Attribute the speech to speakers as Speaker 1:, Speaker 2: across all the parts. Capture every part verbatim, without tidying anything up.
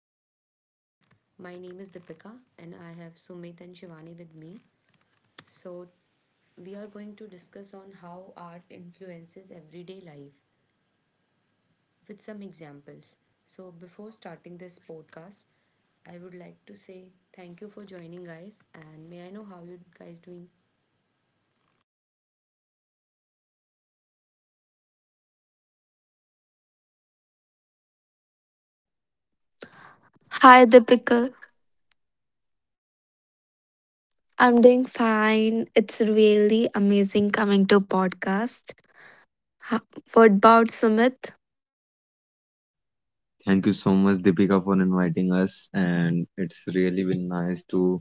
Speaker 1: This podcast. My name is Deepika, and I have Sumit and Shivani with me. So, we are going to discuss on how art influences everyday life with some examples. So, before starting this podcast, I would like to say thank you for joining, guys. And may I know how you guys doing?
Speaker 2: Hi Deepika, I'm doing fine. It's really amazing coming to podcast. Ha- What about Sumit?
Speaker 3: Thank you so much, Deepika, for inviting us, and it's really been nice to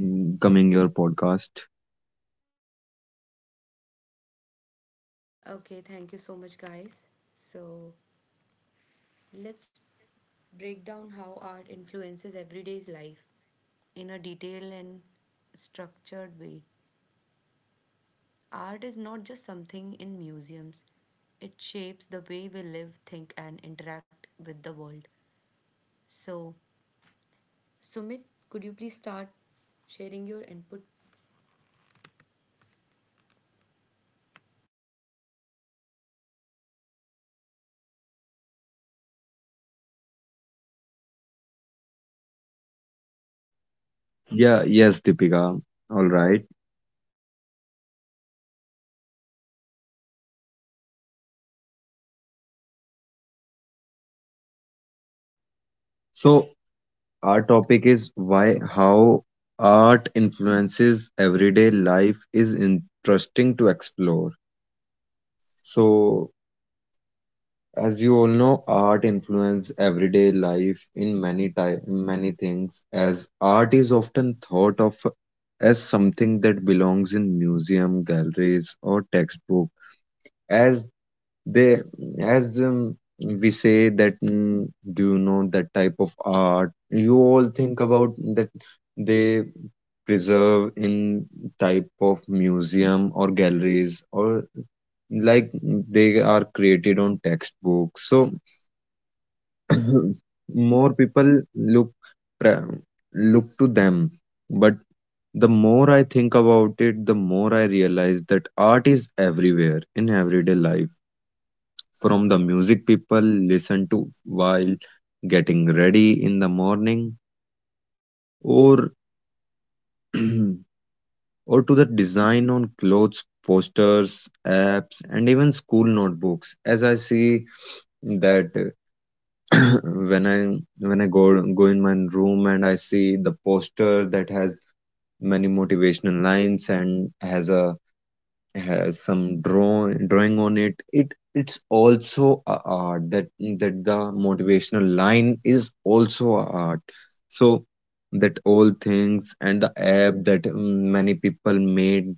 Speaker 3: mm, coming your podcast.
Speaker 1: Okay, thank you so much, guys. So, let's break down how art influences everyday's life in a detailed and structured way. Art is not just something in museums, it shapes the way we live, think, and interact with the world. So, Sumit, could you please start sharing your input?
Speaker 3: Yeah, yes, Deepika. All right. So our topic is why how art influences everyday life is interesting to explore. So as you all know, art influences everyday life in many ty- many things. As art is often thought of as something that belongs in museum, galleries, or textbook. As they, as um, We say that, mm, do you know that type of art? You all think about that they preserve in type of museum or galleries or like they are created on textbooks. So more people look pra- look to them, but the more I think about it, the more I realize that art is everywhere in everyday life, from the music people listen to while getting ready in the morning, or or to the design on clothes, posters, apps, and even school notebooks. As I see that, when I when i go go in my room and I see the poster that has many motivational lines and has a has some draw, drawing on it, it it's also a art, that that the motivational line is also a art. So that all things, and the app that mm, many people made,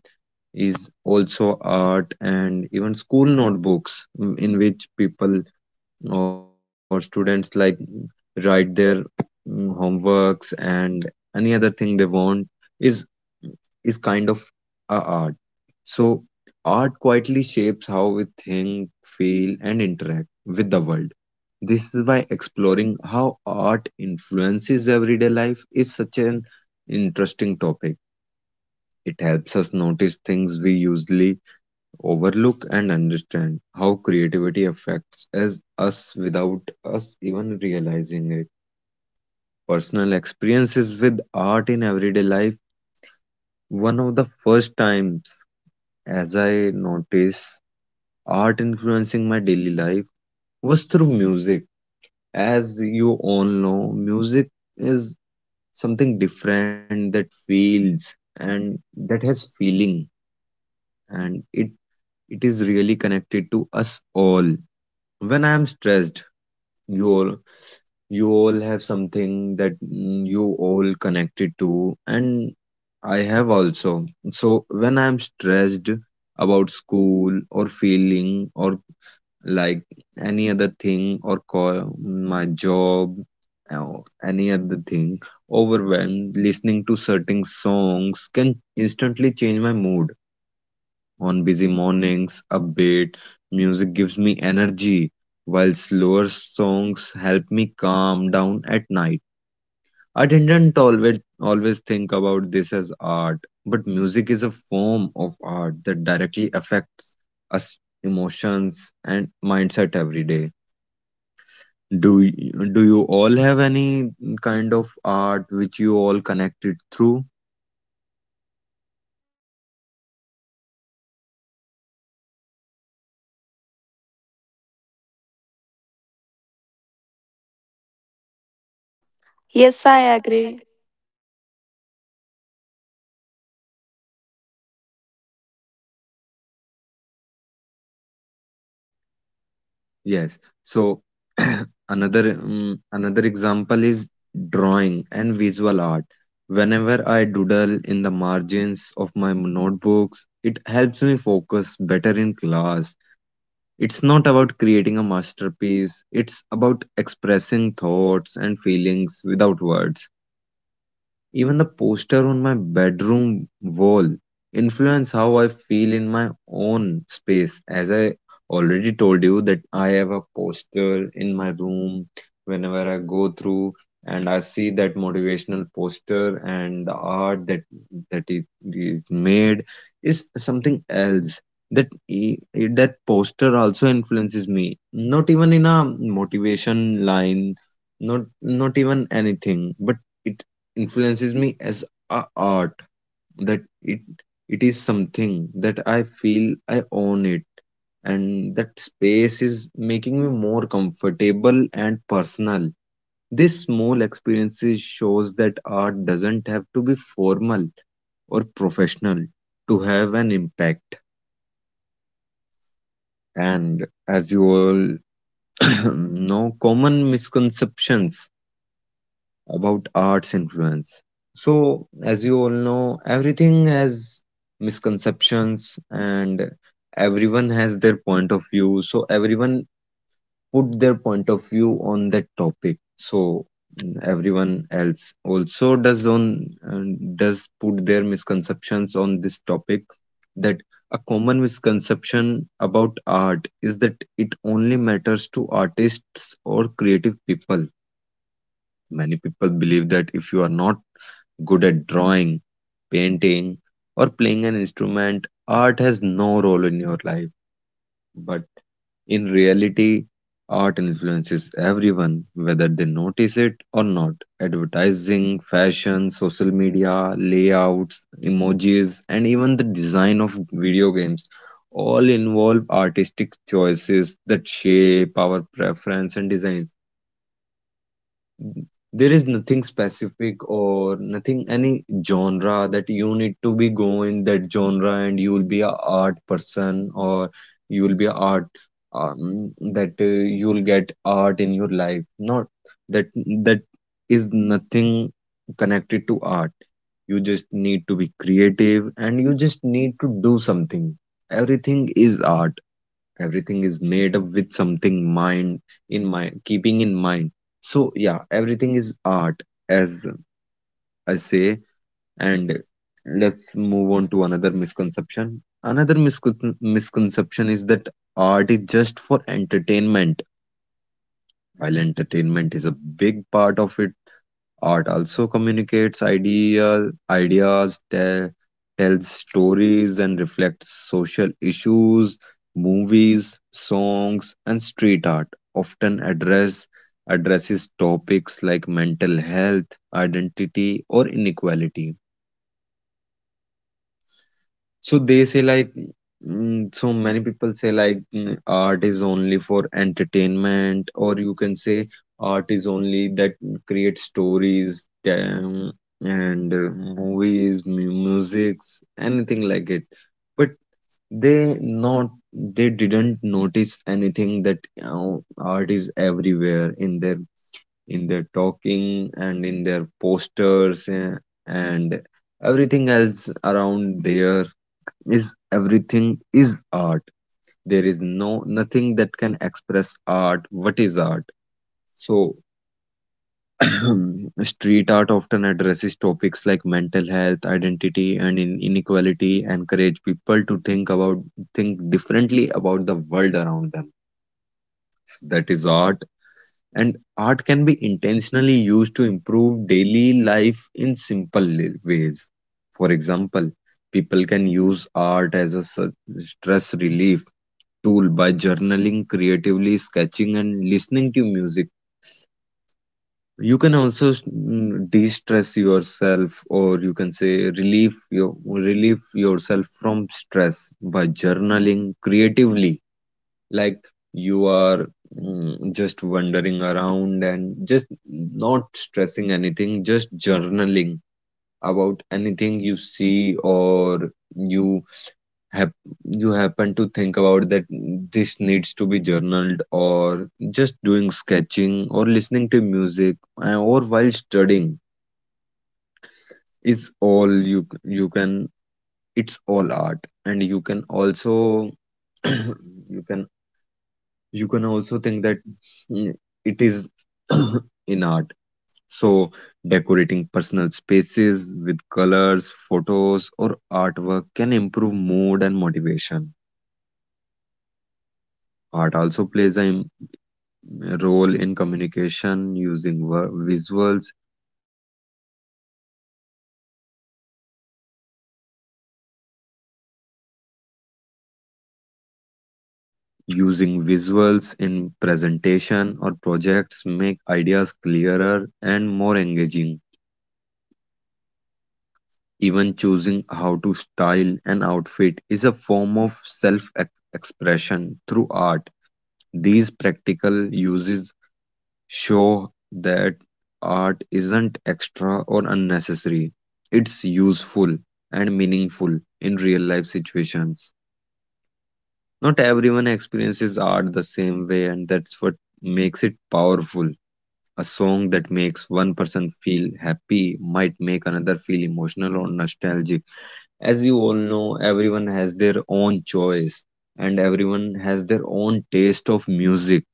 Speaker 3: is also art. And even school notebooks, mm, in which people or students like write their mm, homeworks and any other thing they want, is is kind of a art. So art quietly shapes how we think, feel, and interact with the world. This is why exploring how art influences everyday life is such an interesting topic. It helps us notice things we usually overlook and understand how creativity affects as us without us even realizing it. Personal experiences with art in everyday life. One of the first times as I noticed art influencing my daily life was through music. As you all know, music is something different that feels and that has feeling, and it it is really connected to us all. When I am stressed, you all you all have something that, mm, you all connected to, and I have also. So when I'm stressed about school or feeling or like any other thing or call my job or any other thing, overwhelmed, listening to certain songs can instantly change my mood. On busy mornings, upbeat music gives me energy, while slower songs help me calm down at night. I didn't always always think about this as art, but music is a form of art that directly affects us emotions and mindset every day. Do you, do you all have any kind of art which you all connected through?
Speaker 2: Yes, I agree.
Speaker 3: Yes. So another um, another example is drawing and visual art. Whenever I doodle in the margins of my notebooks, it helps me focus better in class. It's not about creating a masterpiece, it's about expressing thoughts and feelings without words. Even the poster on my bedroom wall influence how I feel in my own space. As I already told you that I have a poster in my room, whenever I go through and I see that motivational poster and the art that that it is made is something else. That i- i- that poster also influences me. Not even in a motivation line, not not even anything, but it influences me as a art, that it it is something that I feel I own it, and that space is making me more comfortable and personal. This small experiences shows that art doesn't have to be formal or professional to have an impact. And as you all know, common misconceptions about art's influence. So, as you all know, everything has misconceptions and everyone has their point of view. So, everyone put their point of view on that topic. So, mm, everyone else also does on and does put their misconceptions on this topic, that a common misconception about art is that it only matters to artists or creative people. Many people believe that if you are not good at drawing, painting, or playing an instrument, art has no role in your life. But in reality, art influences everyone, whether they notice it or not. Advertising, fashion, social media, layouts, emojis, and even the design of video games all involve artistic choices that shape our preference and design. There is nothing specific, or nothing any genre that you need to be going that genre and you will be a art person, or you will be a art, um, that uh, you will get art in your life, not that that is nothing connected to art. You just need to be creative and you just need to do something. Everything is art. Everything is made up with something mind, in mind keeping in mind. So yeah, everything is art, as I say. And let's move on to another misconception. Another miscon- misconception is that art is just for entertainment. While entertainment is a big part of it, art also communicates idea, ideas, te- tells stories, and reflects social issues. Movies, songs, and street art often address addresses topics like mental health, identity, or inequality. So they say like, mm, so many people say like, mm, art is only for entertainment, or you can say art is only that create stories, um, and uh, movies, mu- musics, anything like it. But they not, they didn't notice anything that, uh, art is everywhere in their, in their talking and in their posters, uh, and everything else around there. Is everything is art. There is no nothing that can express art, what is art. So street art often addresses topics like mental health, identity, and in- inequality, encourage people to think about, think differently about the world around them. That is art. And art can be intentionally used to improve daily life in simple li- ways. For example, people can use art as a su- stress relief tool by journaling, creatively sketching, and listening to music. You can also de stress yourself, or you can say relieve, your, relieve yourself from stress by journaling creatively. Like you are, mm, just wandering around and just not stressing anything, just journaling about anything you see, or you hap- you happen to think about that, this needs to be journaled, or just doing sketching or listening to music, uh, or while studying is all you c- you can. It's all art. And you can also you can you can also think that, mm, it is in art. So decorating personal spaces with colors, photos, or artwork can improve mood and motivation. Art also plays an role in communication using ver- visuals. Using visuals in presentation or projects make ideas clearer and more engaging. Even choosing how to style an outfit is a form of self expression through art. These practical uses show that art isn't extra or unnecessary, it's useful and meaningful in real life situations. Not everyone experiences art the same way, and that's what makes it powerful. A song that makes one person feel happy might make another feel emotional or nostalgic. As you all know, everyone has their own choice and everyone has their own taste of music.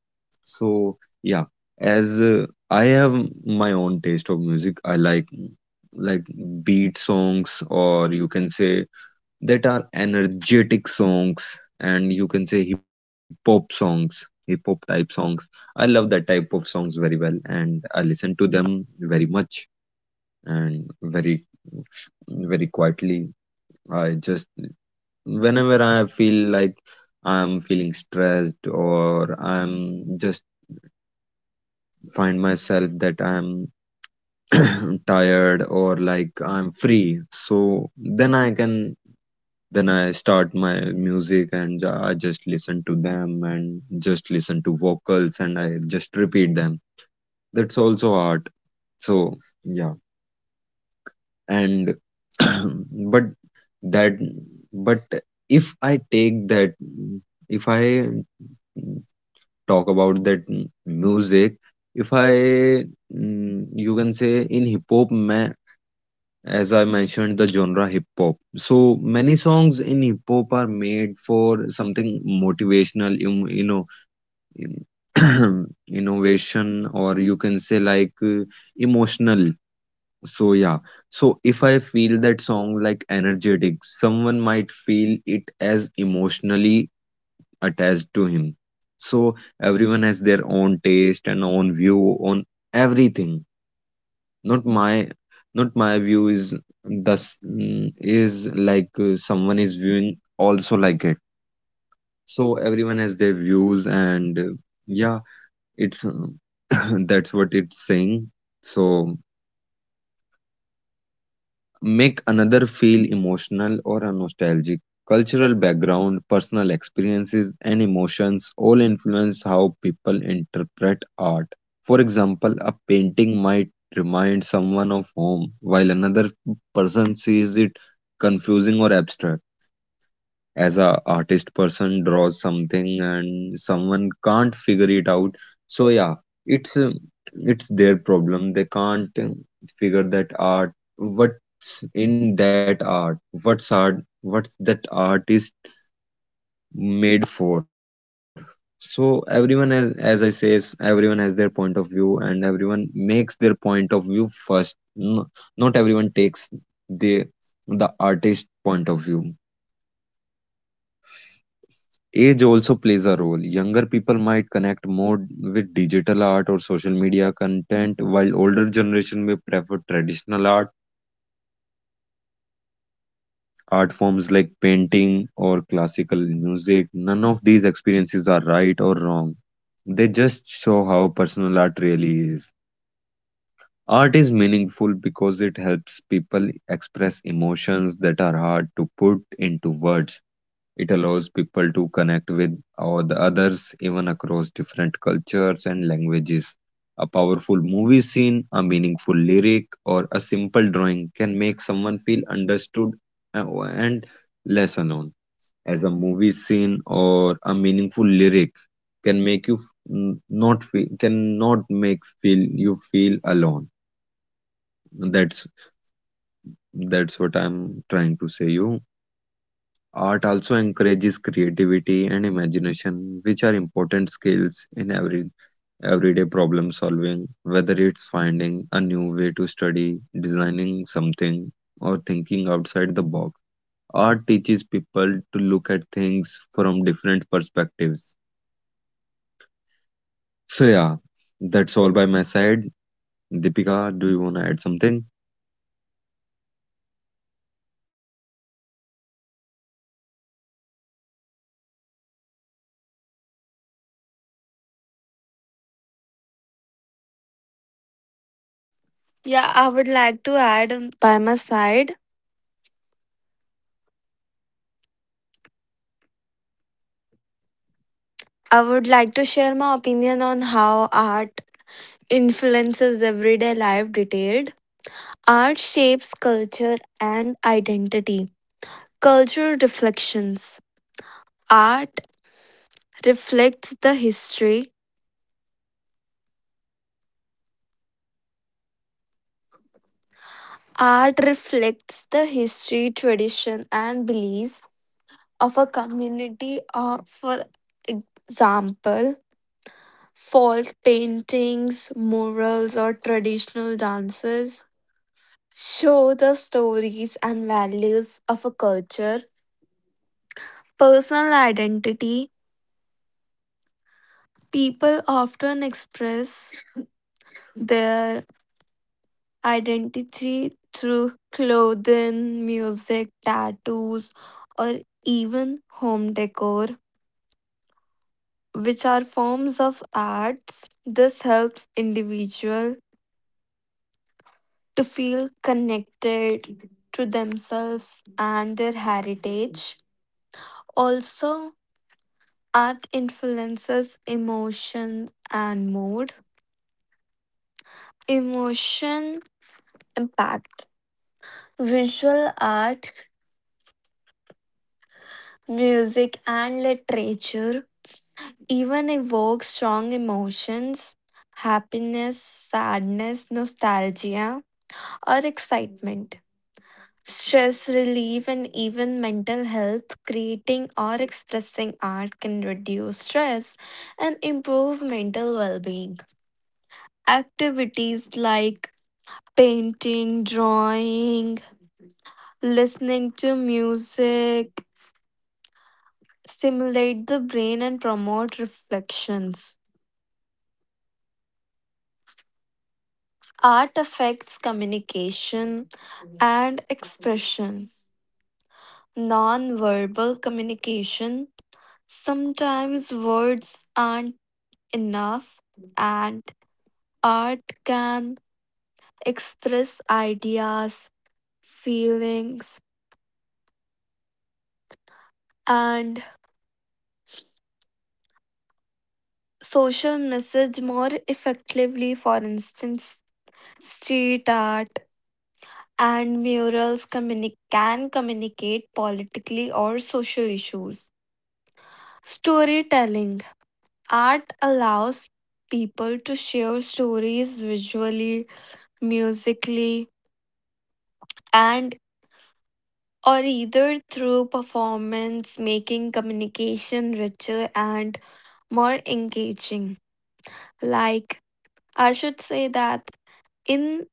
Speaker 3: So, yeah, as uh, I have my own taste of music. I like like beat songs, or you can say that are energetic songs, and you can say hip hop songs, hip hop type songs. I love that type of songs very well and I listen to them very much and very, very quietly. I just, whenever I feel like I'm feeling stressed, or I'm just find myself that I'm tired or like I'm free, so then I can. Then I start my music and ju- I just listen to them and just listen to vocals and I just repeat them. That's also art. So yeah, and but that but if I take that, if I talk about that music, if I, mm, you can say in hip hop, as I mentioned, the genre hip hop. So many songs in hip hop are made for something motivational, you, you know, in- innovation, or you can say like, uh, emotional. So, yeah. So, if I feel that song like energetic, someone might feel it as emotionally attached to him. So, everyone has their own taste and own view on everything. Not my not my view is thus, mm, is like, uh, someone is viewing also like it. So everyone has their views, and uh, yeah, it's uh, that's what it's saying. So make another feel emotional or a nostalgic. Cultural background, personal experiences, and emotions all influence how people interpret art. For example, a painting might remind someone of home, while another person sees it confusing or abstract, as a artist person draws something and someone can't figure it out. So yeah, it's um, it's their problem. They can't um, figure that art, what's in that art, what's art, what's that artist made for. So everyone has, as I says, everyone has their point of view and everyone makes their point of view first. N- Not everyone takes the the artist point of view. Age also plays a role. Younger people might connect more with digital art or social media content, while older generation may prefer traditional art, art forms like painting or classical music. None of these experiences are right or wrong. They just show how personal art really is. Art is meaningful because it helps people express emotions that are hard to put into words. It allows people to connect with all the others, even across different cultures and languages. A powerful movie scene, a meaningful lyric, or a simple drawing can make someone feel understood uh, and less alone. As a movie scene or a meaningful lyric can make you f- n- not feel, cannot make feel you feel alone. That's that's what I'm trying to say you. Art also encourages creativity and imagination, which are important skills in every everyday problem solving, whether it's finding a new way to study, designing something, or thinking outside the box. Art teaches people to look at things from different perspectives. So yeah, that's all by my side. Deepika, do you want to add something?
Speaker 2: Yeah, I would like to add on by my side. I would like to share my opinion on how art influences everyday life detailed. Art shapes culture and identity. Cultural reflections. Art reflects the history. Art reflects the history, tradition, and beliefs of a community. Uh, for example, false paintings, murals, or traditional dances show the stories and values of a culture. Personal identity people often express their identity through clothing, music, tattoos, or even home decor which are forms of arts this helps individual to feel connected to themselves and their heritage. Also, art influences emotion and mood. Emotion impact. Visual art, music, and literature even evoke strong emotions happiness, sadness, nostalgia, or excitement. Stress relief and even mental health, creating or expressing art can reduce stress and improve mental well being. Activities like painting, drawing, listening to music stimulate the brain and promote reflections. Art affects communication and expression. Non verbal communication. Sometimes words aren't enough, and art can express ideas, feelings, and social message more effectively. For instance, street art and murals communi- can communicate politically or social issues. Storytelling art allows people to share stories visually, musically, and or either through performance, making communication richer and more engaging. Like, I should say that in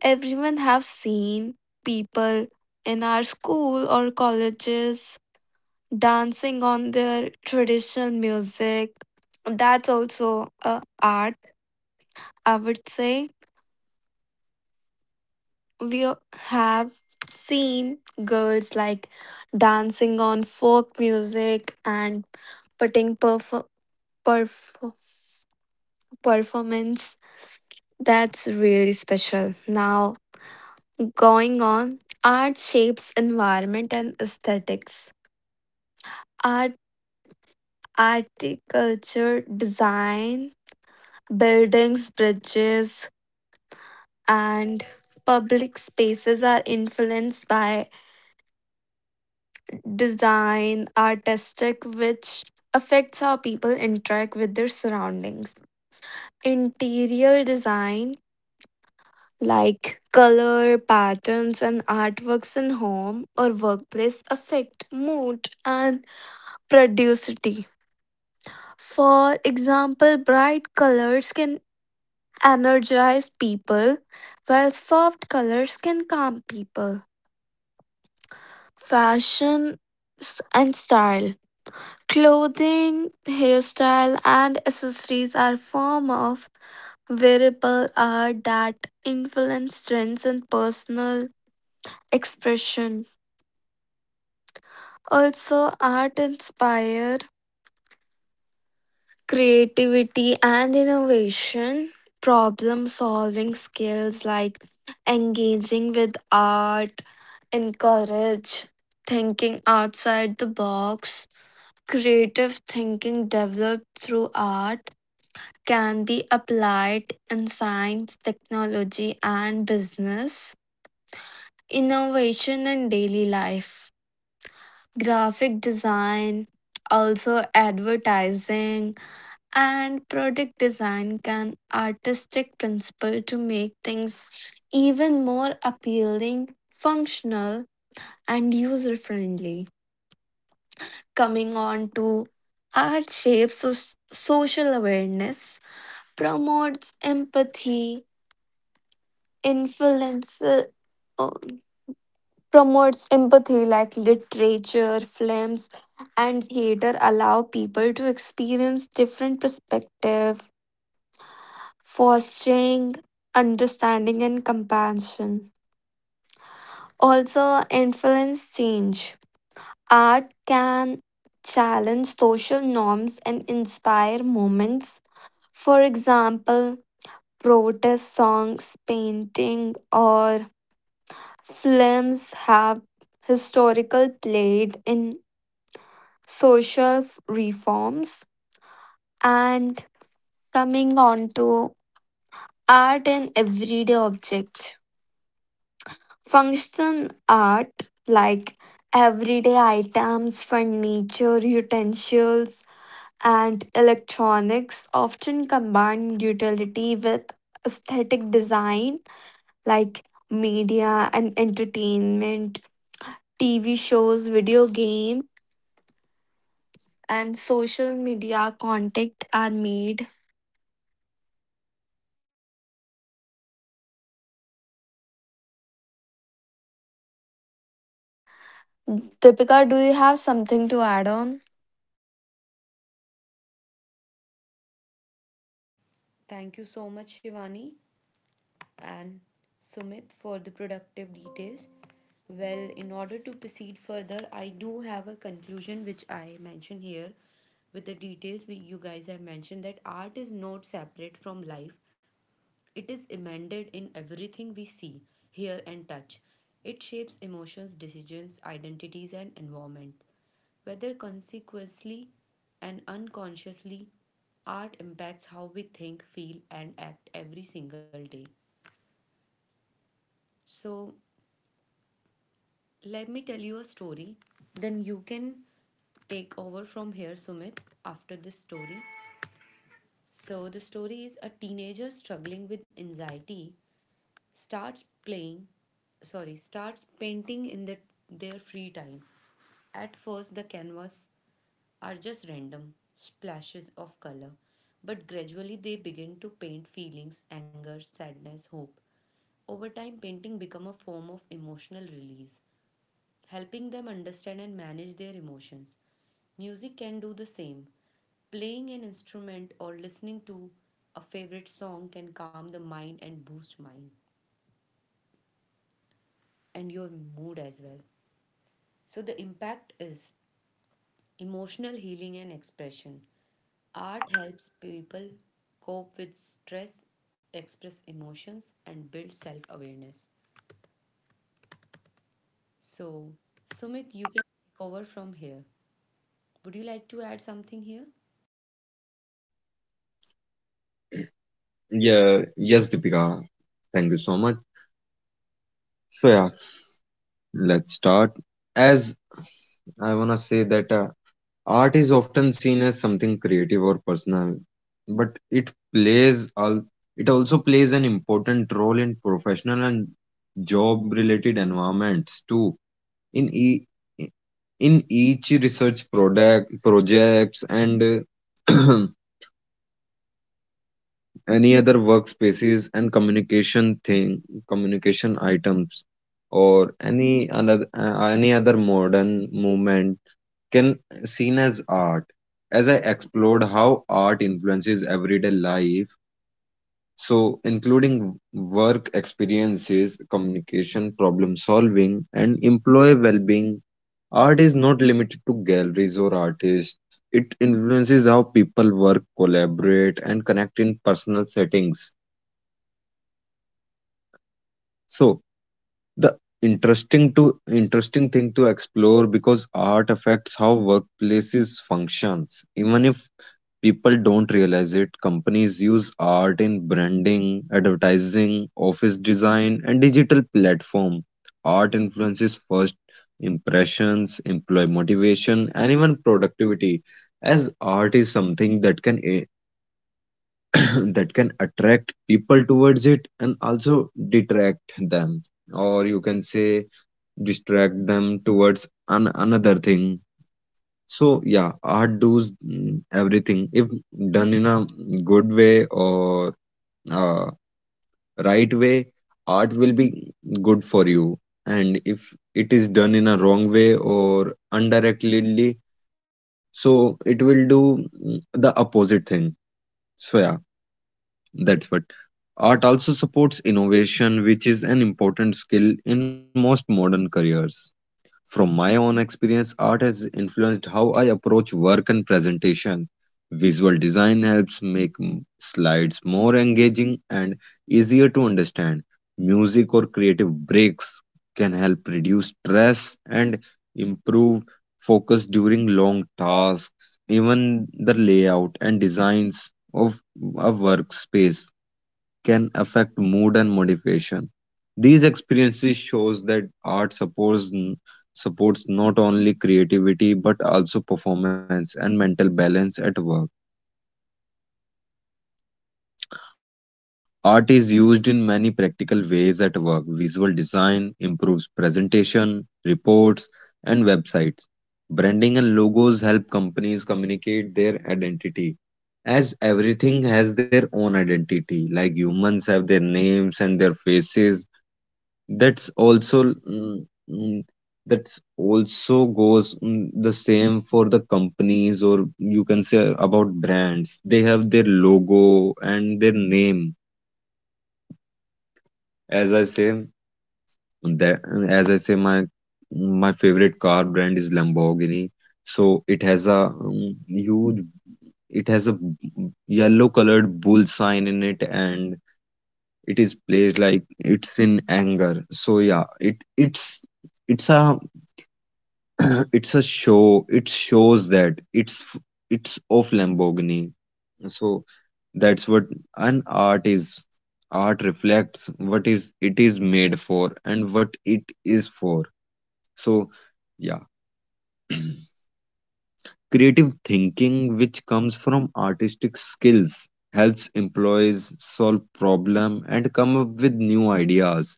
Speaker 2: everyone have seen people in our school or colleges dancing on their traditional music. That's also a art, I would say. We have seen girls like dancing on folk music and putting perf- perf- performance. That's really special. Now, going on, art shapes environment and aesthetics. Art, architecture, design, buildings, bridges, and public spaces are influenced by design, artistic, which affects how people interact with their surroundings. Interior design like color, patterns, and artworks in home or workplace affect mood and productivity. For example, bright colors can energize people, while soft colors can calm people. Fashion s- and style. Clothing, hairstyle, and accessories are form of variable art that influence trends and personal expression. Also, art inspire creativity and innovation, problem solving skills like engaging with art, encourage thinking outside the box. Creative thinking developed through art can be applied in science, technology, and business. Innovation in daily life, graphic design, also advertising and product design can artistic principle to make things even more appealing functional and user friendly coming on to art shapes so- social awareness promotes empathy influence uh, promotes empathy like literature films and theater allow people to experience different perspectives fostering understanding and compassion. Also, influence change. Art can challenge social norms and inspire movements. For example, protest songs, painting, or films have historical played in social f- reforms and coming on to art and everyday objects. Function art like everyday items, furniture, utensils, and electronics often combine utility with aesthetic design like media and entertainment, T V shows, video game, and social media content are made. Deepika, do you have something to add on?
Speaker 1: Thank you so much, Shivani and Sumit, for the productive details. Well, in order to proceed further, I do have a conclusion which I mention here with the details we, you guys have mentioned that art is not separate from life. It is embedded in everything we see, hear, and touch. It shapes emotions, decisions, identities, and environment. Whether consciously, and unconsciously, art impacts how we think, feel, and act every single day. So, let me tell you a story. Then you can take over from here, Sumit, after this story. So, the story is a teenager struggling with anxiety starts playing sorry starts painting in the, their free time. At first the canvas are just random splashes of color, but gradually they begin to paint feelings anger sadness hope. Over time painting become a form of emotional release, helping them understand and manage their emotions. Music can do the same. Playing an instrument or listening to a favorite song can calm the mind and boost mind and your mood as well. So the impact is emotional healing and expression. Art helps people cope with stress, express emotions, and build self awareness. So, Sumit, you can take over from here. Would you like to add something here?
Speaker 3: Yeah, yes, Deepika. Thank you so much. So yeah, let's start. As I wanna say that uh, art is often seen as something creative or personal, but it plays al- it also plays an important role in professional and job related environments too. In e- in each research product projects and uh, any other workspaces and communication thing, communication items, or any another uh, any other modern movement can seen as art. As I explored how art influences everyday life, so including work experiences, communication, problem solving, and employee well-being, art is not limited to galleries or artists. It influences how people work, collaborate, and connect in personal settings. So the interesting to interesting thing to explore, because art affects how workplaces functions even if people don't realize it. Companies use art in branding, advertising, office design, and digital platform. Art influences first impressions, employee motivation, and even productivity. As art is something that can that can attract people towards it and also detract them, or you can say distract them towards an, another thing. So yeah, art does mm, everything. If done in a good way or uh, right way, art will be good for you. And if it is done in a wrong way or indirectly, so it will do mm, the opposite thing. So yeah, that's what. Art also supports innovation, which is an important skill in most modern careers. From my own experience, art has influenced how I approach work and presentation. Visual design helps make m- slides more engaging and easier to understand. Music or creative breaks can help reduce stress and improve focus during long tasks. Even the layout and designs of a workspace can affect mood and motivation. These experiences shows that art supports supports not only creativity but also performance and mental balance at work. Art is used in many practical ways at work. Visual design improves presentation, reports, and websites. Branding and logos help companies communicate their identity, as everything has their own identity, like humans have their names and their faces. That's also mm, mm, that's also goes mm, the same for the companies, or you can say about brands, they have their logo and their name. As i say that as i say my my favorite car brand is Lamborghini. So it has a mm, huge, it has a yellow colored bull sign in it, and it is placed like it's in anger. So yeah, it it's it's a it's a show, it shows that it's f- it's of Lamborghini. So that's what an art is. Art reflects what is it is made for and what it is for. So yeah, creative thinking, which comes from artistic skills, helps employees solve problem and come up with new ideas.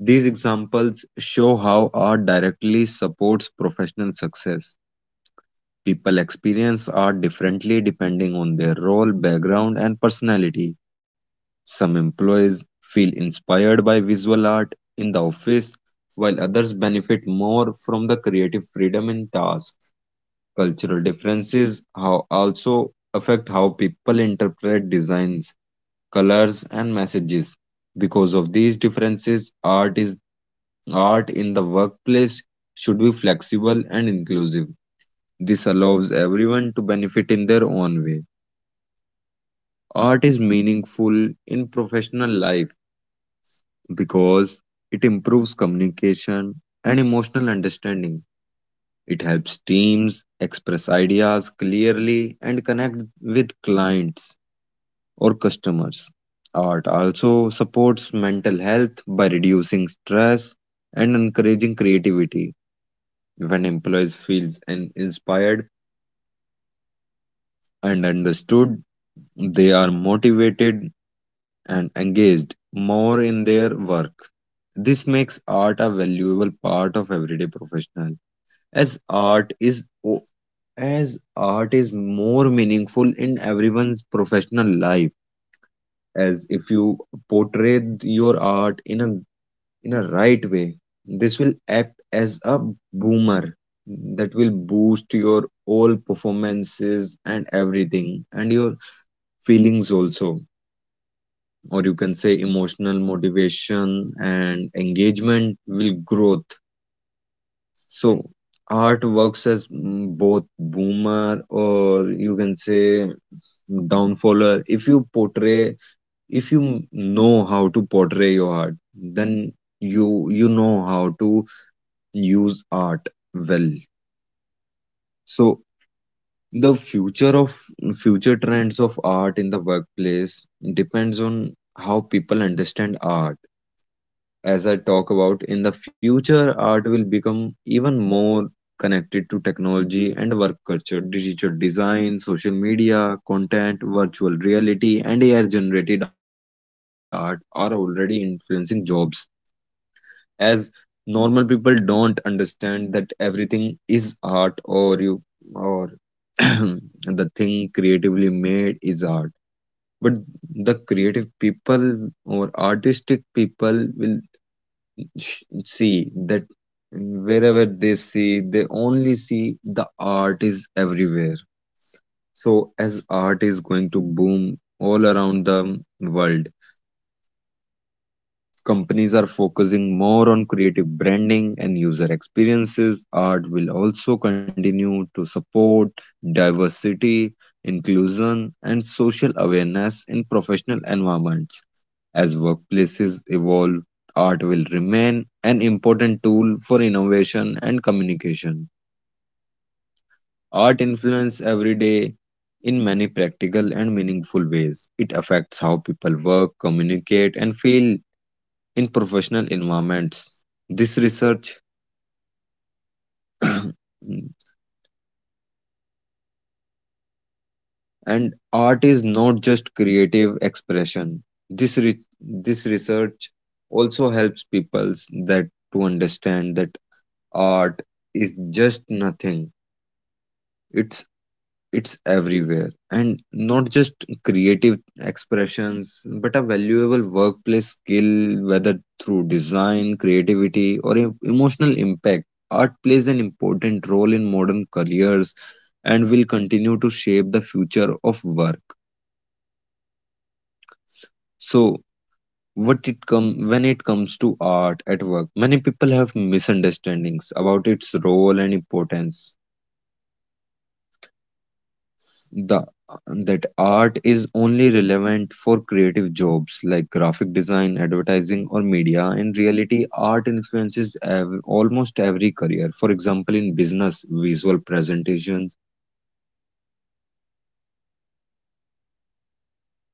Speaker 3: These examples show how art directly supports professional success. People experience art differently depending on their role, background, and personality. Some employees feel inspired by visual art in the office, while others benefit more from the creative freedom in tasks. Cultural differences how also affect how people interpret designs, colors, and messages. Because of these differences, art is art in the workplace should be flexible and inclusive. This allows everyone to benefit in their own way. Art is meaningful in professional life because it improves communication and emotional understanding. It helps teams express ideas clearly and connect with clients or customers. Art also supports mental health by reducing stress and encouraging creativity. When employees feel inspired and understood, they are motivated and engaged more in their work. This makes art a valuable part of everyday professional, as art is as art is more meaningful in everyone's professional life. As if you portray your art in a in a right way, this will act as a boomer that will boost your all performances and everything, and your feelings also, or you can say emotional motivation and engagement will growth. So art works as mm, both boomer, or you can say downfaller. If you portray, if you know how to portray your art, then you you know how to use art well. So the future of future trends of art in the workplace depends on how people understand art. As I talk about in the future, art will become even more connected to technology and work culture. Digital design, social media, content, virtual reality, and A I generated art are already influencing jobs. As normal people don't understand that everything is art, or you or the thing creatively made is art. But the creative people or artistic people will sh- see that wherever they see, they only see the art is everywhere. So as art is going to boom all around the world, companies are focusing more on creative branding and user experiences. Art will also continue to support diversity, inclusion, and social awareness in professional environments. As workplaces evolve, art will remain an important tool for innovation and communication. Art influences every day in many practical and meaningful ways. It affects how people work, communicate, and feel in professional environments. This research and art is not just creative expression. This re- this research also helps people that to understand that art is just nothing, it's it's everywhere, and not just creative expressions, but a valuable workplace skill. Whether through design, creativity, or e- emotional impact, art plays an important role in modern careers and will continue to shape the future of work. So what it come when it comes to art at work, many people have misunderstandings about its role and importance. The that art is only relevant for creative jobs like graphic design, advertising, or media. In reality, art influences ev- almost every career. For example, in business, visual presentations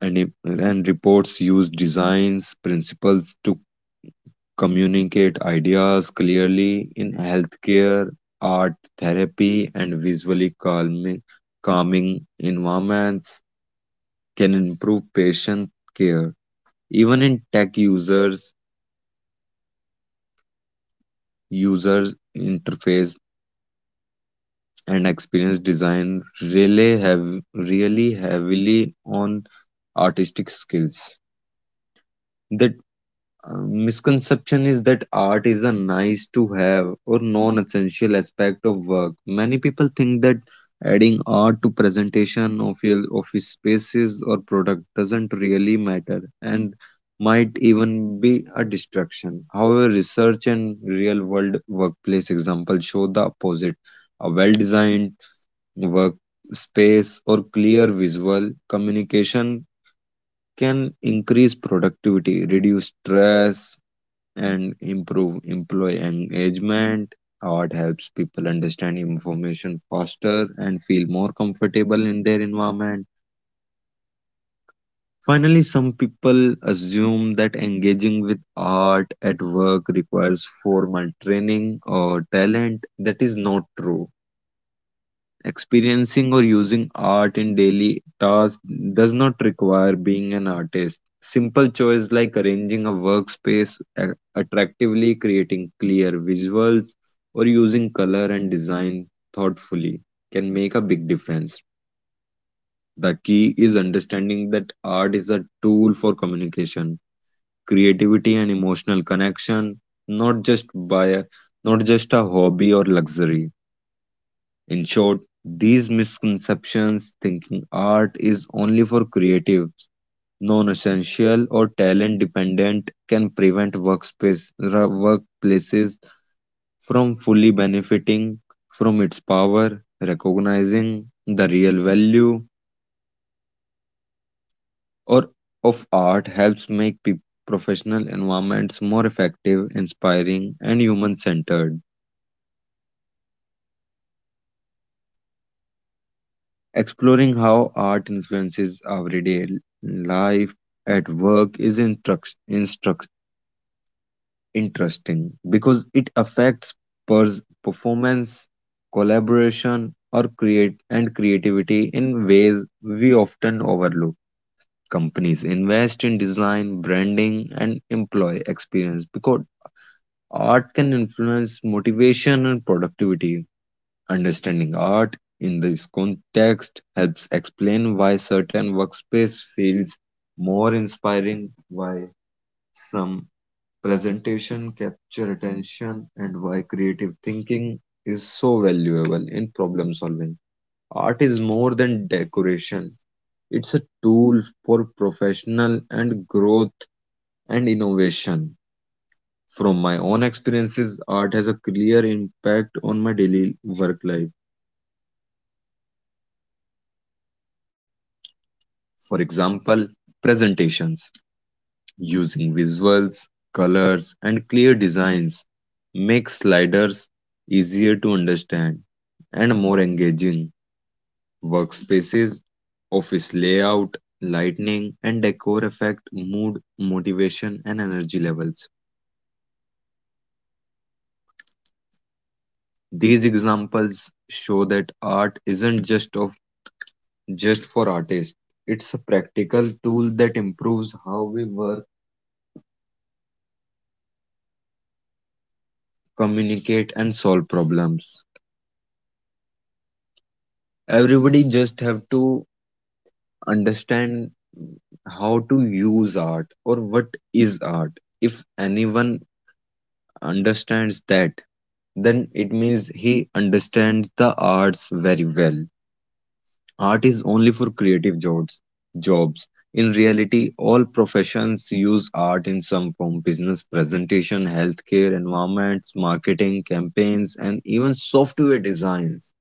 Speaker 3: and, and reports use designs, principles to communicate ideas clearly. In healthcare, art therapy and visually calming, calming environments can improve patient care. Even in tech users, users interface and experience design really have really heavily on artistic skills. They uh, misconception is that art is a nice to have or non essential aspect of work. Many people think that adding art to presentation of your office spaces or product doesn't really matter and might even be a distraction. However, research and real world workplace examples show the opposite. A well designed work space or clear visual communication can increase productivity, reduce stress, and improve employee engagement. Art helps people understand information faster and feel more comfortable in their environment. Finally, some people assume that engaging with art at work requires formal training or talent. That is not true. Experiencing or using art in daily tasks does not require being an artist. Simple choice like arranging a workspace a- attractively, creating clear visuals, or using color and design thoughtfully can make a big difference. The key is understanding that art is a tool for communication, creativity, and emotional connection, not just by a, not just a hobby or luxury. In short, these misconceptions, thinking art is only for creatives, non essential, or talent dependent, can prevent workspace, ra- workplaces from fully benefiting from its power. Recognizing the real value or of art helps make pe- professional environments more effective, inspiring, and human centered. Exploring how art influences our everyday life at work is instruct, instruct, interesting because it affects pers- performance, collaboration, or create and creativity in ways we often overlook. Companies invest in design, branding, and employee experience because art can influence motivation and productivity. Understanding art in this context helps explain why certain workspace feels more inspiring, why some presentation capture attention, and why creative thinking is so valuable in problem solving. Art is more than decoration. It's a tool for professional and growth and innovation. From my own experiences, art has a clear impact on my daily work life. For example, presentations using visuals, colors, and clear designs make sliders easier to understand and more engaging. Workspaces, office layout, lighting, and decor affect mood, motivation, and energy levels. These examples show that art isn't just of just for artists. It's a practical tool that improves how we work, communicate, and solve problems. Everybody just have to understand how to use art or what is art. If anyone understands that, then it means he understands the arts very well. Art is only for creative jobs jobs. In reality, all professions use art in some form: business presentation, healthcare environments, marketing campaigns, and even software designs.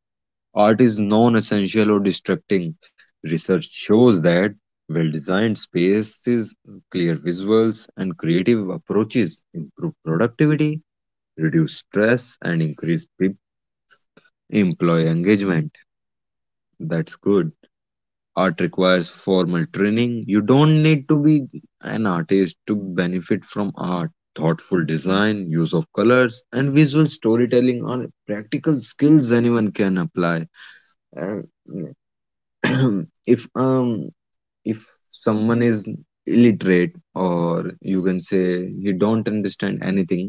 Speaker 3: Art is non essential or distracting. Research shows that well designed spaces, clear visuals, and creative approaches improve productivity, reduce stress, and increase pe- employee engagement. That's good. Art requires formal training. You don't need to be an artist to benefit from art. Thoughtful design, use of colors, and visual storytelling are practical skills anyone can apply. And if um if someone is illiterate, or you can say he don't understand anything,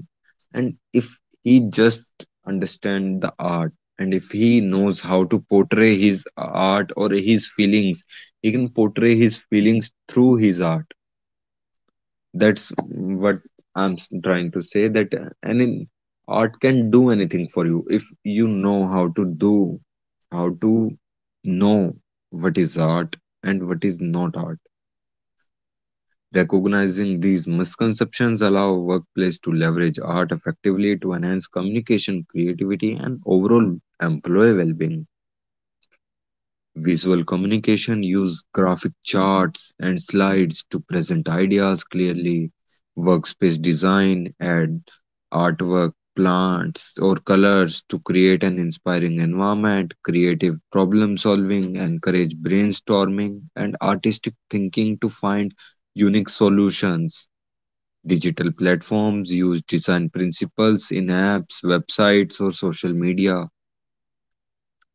Speaker 3: and if he just understand the art, and if he knows how to portray his art or his feelings, he can portray his feelings through his art. That's what i'm s- trying to say that uh, any art can do anything for you if you know how to do how to know what is art and what is not art. Recognizing these misconceptions allow workplace to leverage art effectively to enhance communication, creativity, and overall employee well-being. Visual communication uses graphic charts and slides to present ideas clearly. Workspace design add artwork, plants, or colors to create an inspiring environment. Creative problem solving encourage brainstorming and artistic thinking to find unique solutions. Digital platforms use design principles in apps, websites, or social media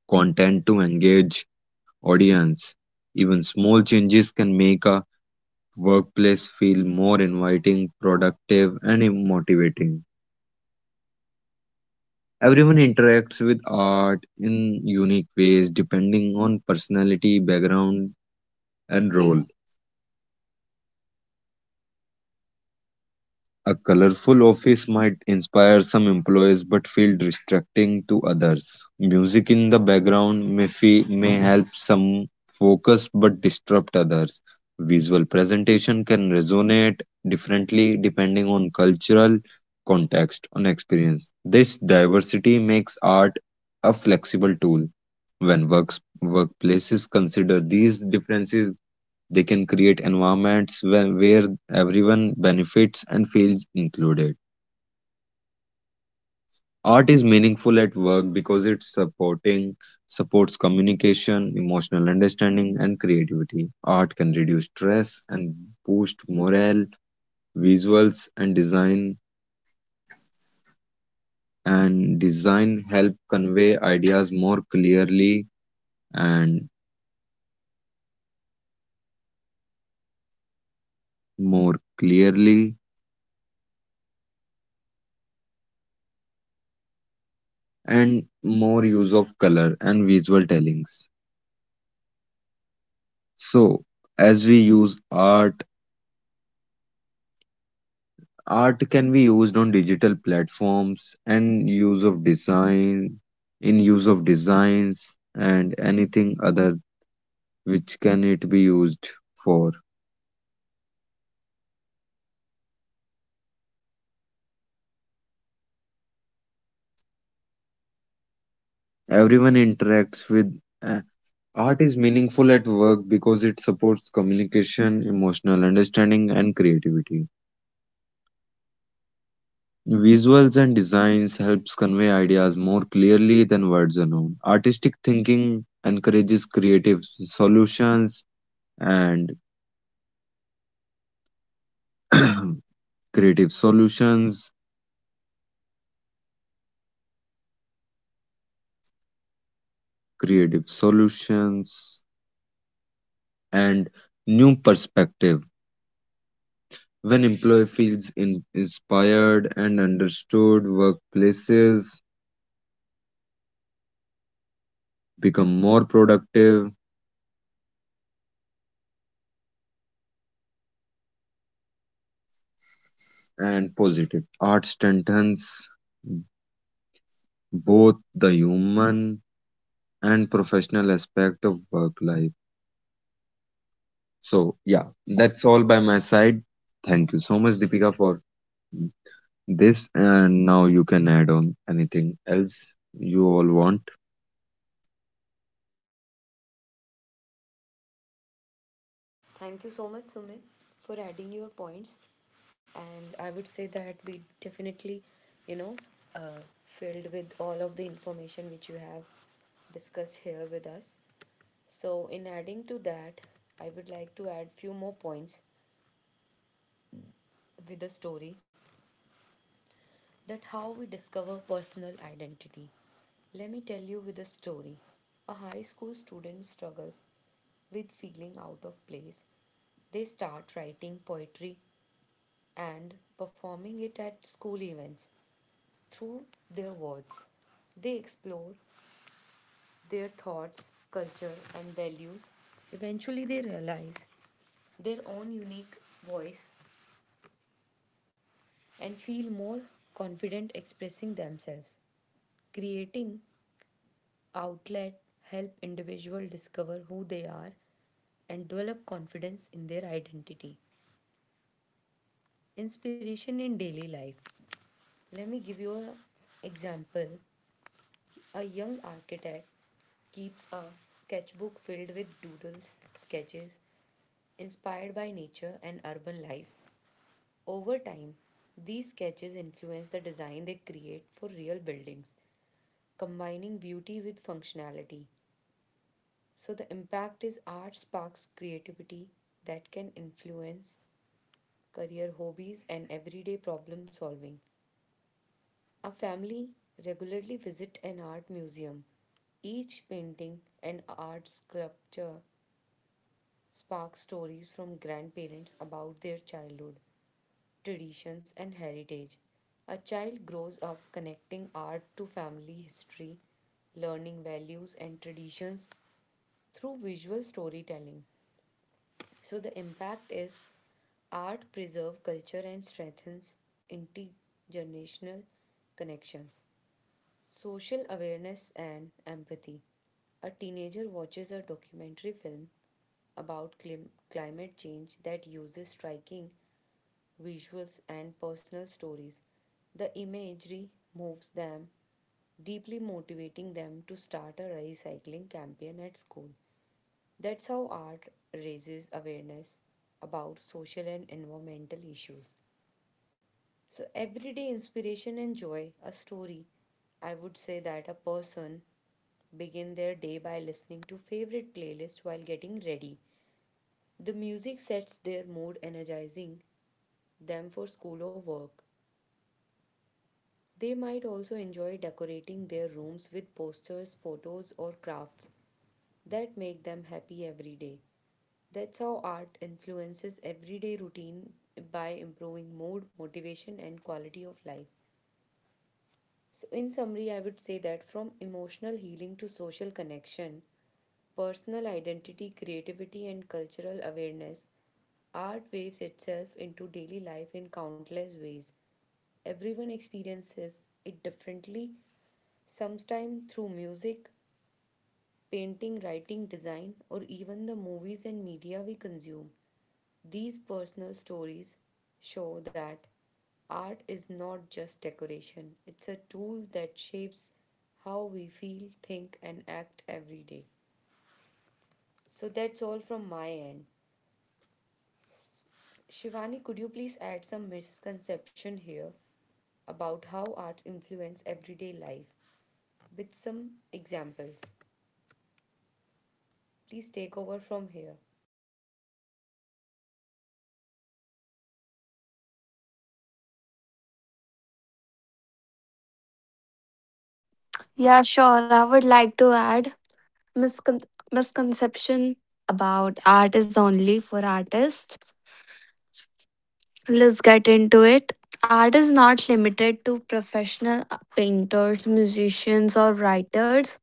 Speaker 3: content to engage audience. Even small changes can make a workplace feel more inviting, productive, and motivating. Everyone interacts with art in unique ways depending on personality, background, and role. A colorful office might inspire some employees but feel distracting to others. Music in the background may, fe- may help some focus but disrupt others. Visual presentation can resonate differently depending on cultural context and experience. This diversity makes art a flexible tool. When works, workplaces consider these differences, they can create environments where where everyone benefits and feels included. Art is meaningful at work because it's supporting supports communication, emotional understanding, and creativity. Art can reduce stress and boost morale. Visuals and design and design help convey ideas more clearly and more clearly and more use of color and visual tellings. So, as we use art. Art can be used on digital platforms and use of design, in use of designs and anything other which can it be used for. Everyone interacts with uh, Art is meaningful at work because it supports communication, emotional understanding, and creativity. Visuals and designs helps convey ideas more clearly than words alone. Artistic thinking encourages creative solutions and creative solutions, creative solutions, and new perspective. When employee feels in- inspired and understood, workplaces become more productive and positive. Art strengthens both the human and professional aspect of work life. So, yeah, that's all by my side. Thank you so much, Deepika, for this. And now you can add on anything else you all want.
Speaker 1: Thank you so much, Sumit, for adding your points. And I would say that we definitely, you know, uh, filled with all of the information which you have discussed here with us. So, in adding to that, I would like to add few more points with the story that how we discover personal identity. Let me tell you with a story. A high school student struggles with feeling out of place. They start writing poetry and performing it at school events through their words. They explore their thoughts, culture, and values. Eventually, they realize their own unique voice and feel more confident expressing themselves. Creating outlet help individual discover who they are and develop confidence in their identity. Inspiration in daily life. Let me give you an example. A young architect keeps a sketchbook filled with doodles, sketches inspired by nature and urban life. Over time, these sketches influence the design they create for real buildings, combining beauty with functionality. So, the impact is art sparks creativity that can influence career hobbies and everyday problem solving. Our family regularly visit an art museum. Each painting and art sculpture sparks stories from grandparents about their childhood, traditions, and heritage. A child grows up connecting art to family history, learning values and traditions through visual storytelling. So, the impact is art preserves culture and strengthens intergenerational connections. Social awareness and empathy. A teenager watches a documentary film about clim- climate change that uses striking visuals and personal stories. The imagery moves them, deeply motivating them to start a recycling campaign at school. That's how art raises awareness about social and environmental issues. So, everyday inspiration and joy, a story. I would say that a person begin their day by listening to favorite playlists while getting ready. The music sets their mood energizing them for school or work. They might also enjoy decorating their rooms with posters, photos or crafts that make them happy every day. That's how art influences everyday routine by improving mood, motivation and quality of life. So in summary I would say that from emotional healing to social connection personal identity, creativity, and cultural awareness. Art waves itself into daily life in countless ways. Everyone experiences it differently, sometimes through music, painting, writing, design, or even the movies and media we consume. These personal stories show that art is not just decoration, it's a tool that shapes how we feel, think, and act every day. So that's all from my end. Shivani, could you please add some misconception here about how arts influence everyday life with some examples? Please take over from here.
Speaker 2: Yeah, sure. I would like to add miscon- misconception about art is only for artists. Let's get into it. Art is not limited to professional uh, painters, musicians, or writers.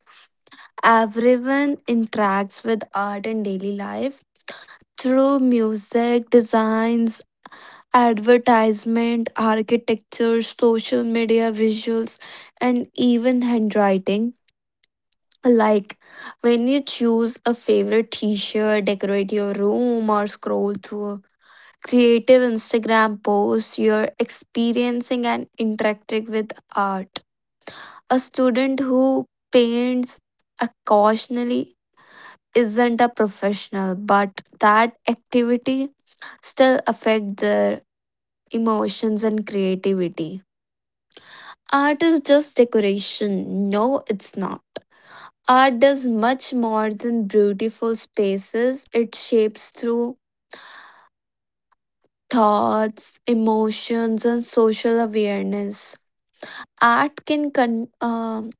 Speaker 2: Everyone interacts with art in daily life through music, designs, advertisement, architecture, social media, visuals, and even handwriting. Like when you choose a favorite t shirt, decorate your room, or scroll through a creative Instagram post, you're experiencing and interacting with art. A student who paints occasionally isn't a professional, but that activity still affects their emotions and creativity. Art is just decoration. No, it's not. Art does much more than beautiful spaces, it shapes through thoughts, emotions, and social awareness. Art can con- um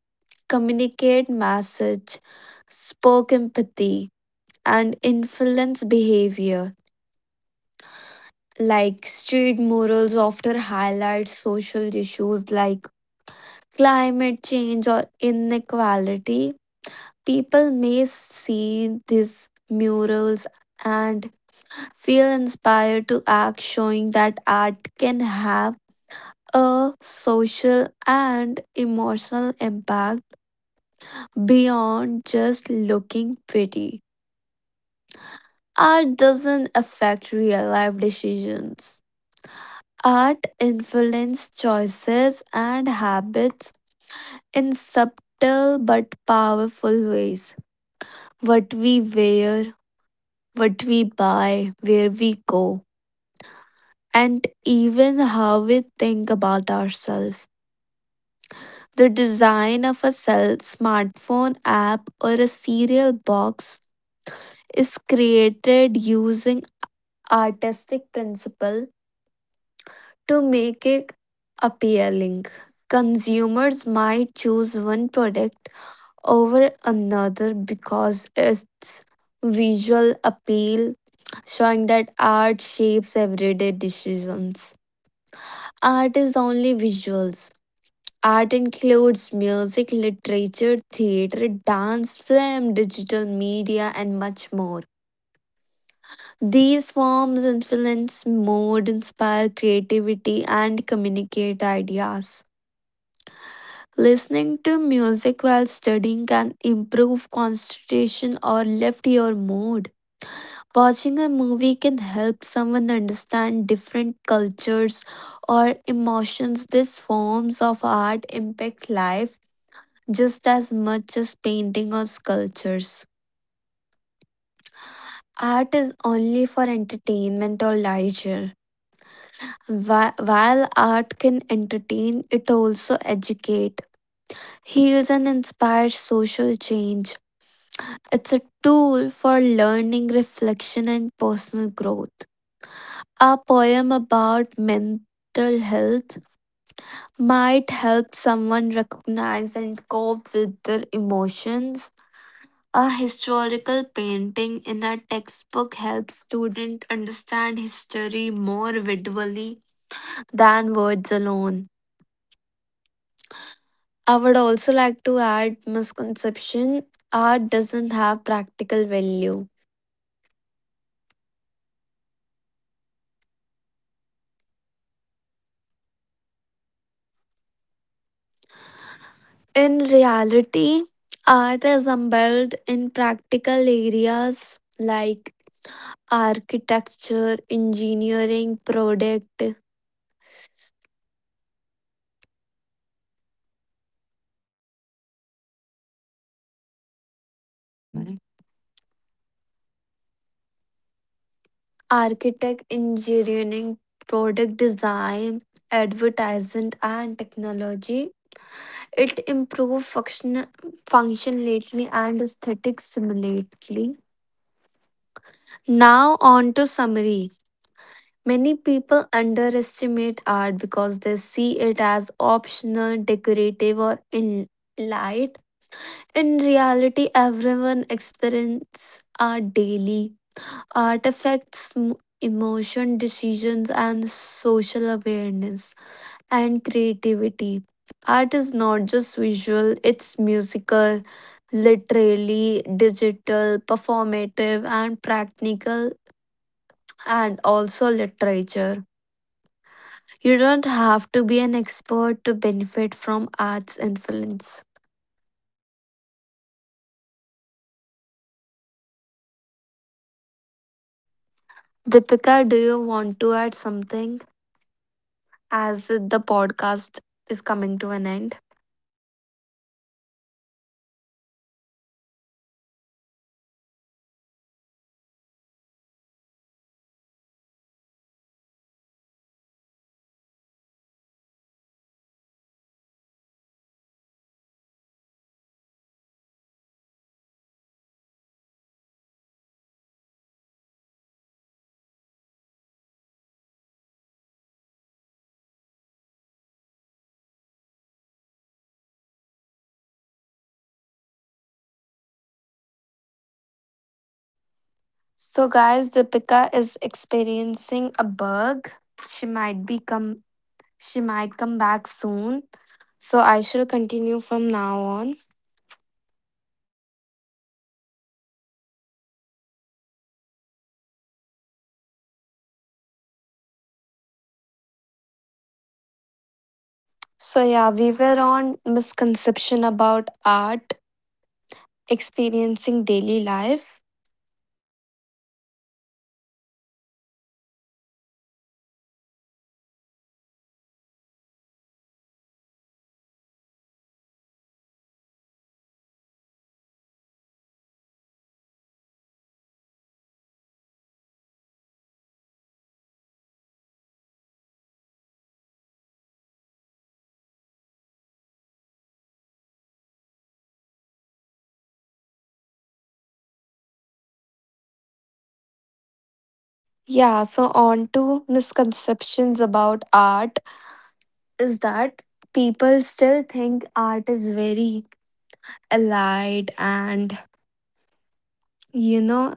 Speaker 2: communicate message, spoke empathy, and influence behavior. Like street murals often highlight social issues like climate change or inequality. People may see these murals and feel inspired to act, showing that art can have a social and emotional impact beyond just looking pretty. Art doesn't affect real life decisions. Art influences choices and habits in subtle but powerful ways. What we wear, what we buy, where we go, and even how we think about ourselves. The design of a cell smartphone app or a cereal box is created using artistic principle to make it appealing. Consumers might choose one product over another because its visual appeal showing that art shapes everyday decisions. Art is only visuals. Art includes music, literature, theater, dance, film, digital media, and much more. These forms influence mood, inspire creativity, and communicate ideas. Listening to music while studying can improve concentration or lift your mood. Watching a movie can help someone understand different cultures or emotions. These forms of art impact life just as much as painting or sculptures. Art is only for entertainment or leisure. Whi- While art can entertain, it also educate, heals, and inspires social change. It's a tool for learning, reflection, and personal growth. A poem about mental health might help someone recognize and cope with their emotions. A historical painting in a textbook helps students understand history more visually than words alone. I would also like to add misconception art doesn't have practical value. In reality, art is embedded in practical areas like architecture, engineering, product, architect engineering product design advertisement and technology. It improves function functionality and aesthetics similarly. Now on to summary, many people underestimate art because they see it as optional decorative or in light. In reality, everyone experiences art daily. Artifacts, m- emotion, decisions, and social awareness and creativity. Art is not just visual, it's musical, literally, digital, performative, and practical, and also literature. You don't have to be an expert to benefit from art's influence. Deepika, do you want to add something as the podcast is coming to an end? So, guys, Deepika is experiencing a bug. She might be come. She might come back soon. So I shall continue from now on. So yeah, we were on misconception about art experiencing daily life. Yeah, so on to misconceptions about art is that people still think art is very allied and you know.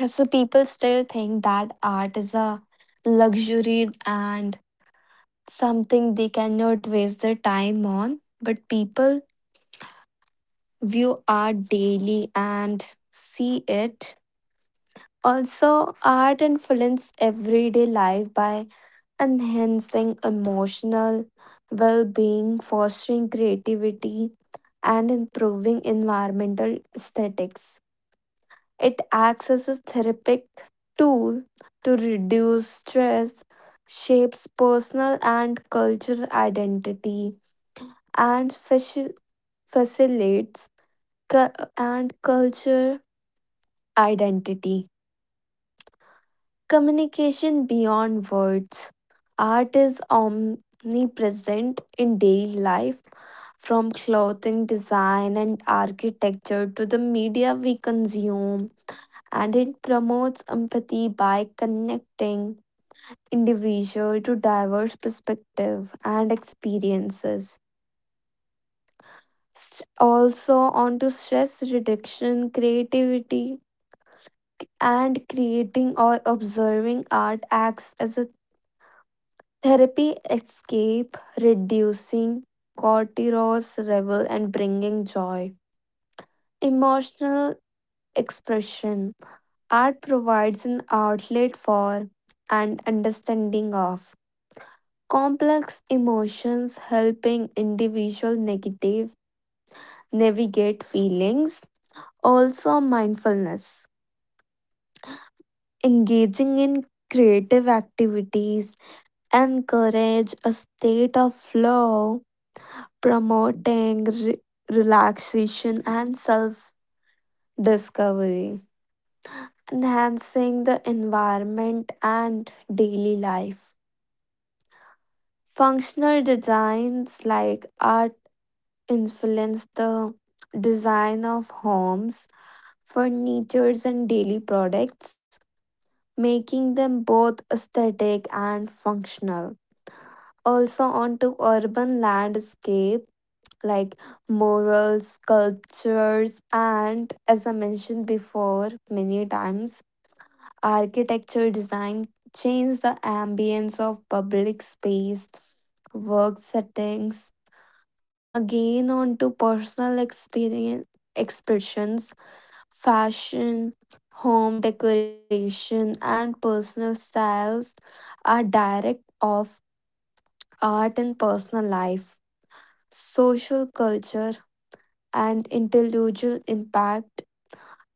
Speaker 2: Yeah, so people still think that art is a luxury and something they cannot waste their time on. But people view art daily and see it. Also, art influences everyday life by enhancing emotional well being, fostering creativity, and improving environmental aesthetics. It acts as a therapeutic tool to reduce stress, shapes personal and cultural identity, and faci- facilitates cu- and culture identity. Communication beyond words. Art is omnipresent in daily life, from clothing design and architecture to the media we consume, and it promotes empathy by connecting individual to diverse perspective and experiences. S- Also onto stress reduction, creativity, and creating or observing art acts as a therapy escape, reducing cortisol's level and bringing joy. Emotional expression. Art provides an outlet for and understanding of complex emotions helping individual negative navigate feelings. Also mindfulness, engaging in creative activities encourage a state of flow, promoting re- relaxation and self discovery, enhancing the environment and daily life. Functional designs like art influence the design of homes, furnitures, and daily products, making them both aesthetic and functional. Also, onto urban landscape like murals, sculptures, and as I mentioned before many times, architectural design change the ambience of public space, work settings, again onto personal experience expressions, fashion, home decoration, and personal styles are direct of art and personal life, social culture, and intellectual impact.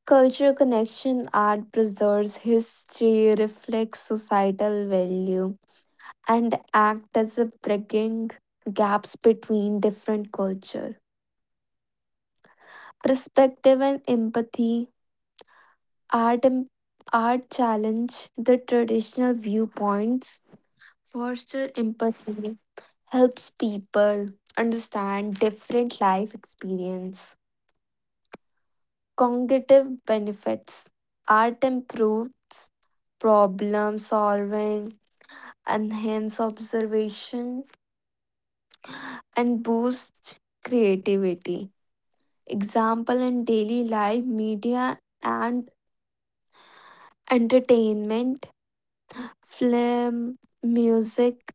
Speaker 2: Culture connection art preserves history, reflects societal value, and act as a bridging gaps between different culture. Perspective and empathy. Art, em- art challenge the traditional viewpoints, foster empathy, helps people understand different life experience. Cognitive benefits. Art improves problem solving, enhance observation, and boosts creativity. Example in daily life, media and entertainment, film, music,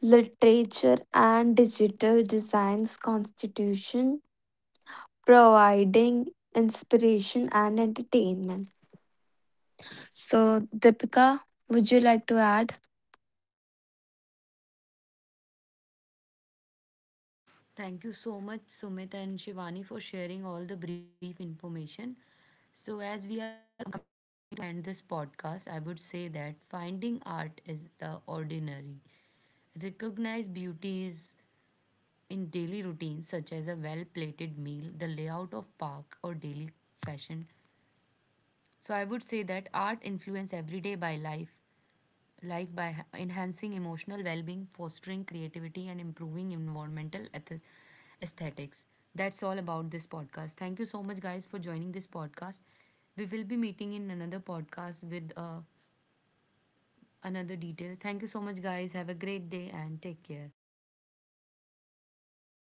Speaker 2: literature and digital designs constitution providing inspiration and entertainment. So Deepika, would you like to add
Speaker 1: Thank you so much, Sumit and Shivani, for sharing all the brief information. So, as we are to end this podcast, I would say that finding art is the ordinary. Recognize beauty is in daily routines, such as a well plated meal, the layout of park, or daily fashion. So, I would say that art influence everyday by life, life by ha- enhancing emotional well being, fostering creativity, environmental eth- aesthetics. That's all about this podcast. Thank you so much, guys, for joining this podcast. We will be meeting in another podcast with uh, another detail. Thank you so much, guys. Have a great day and take care.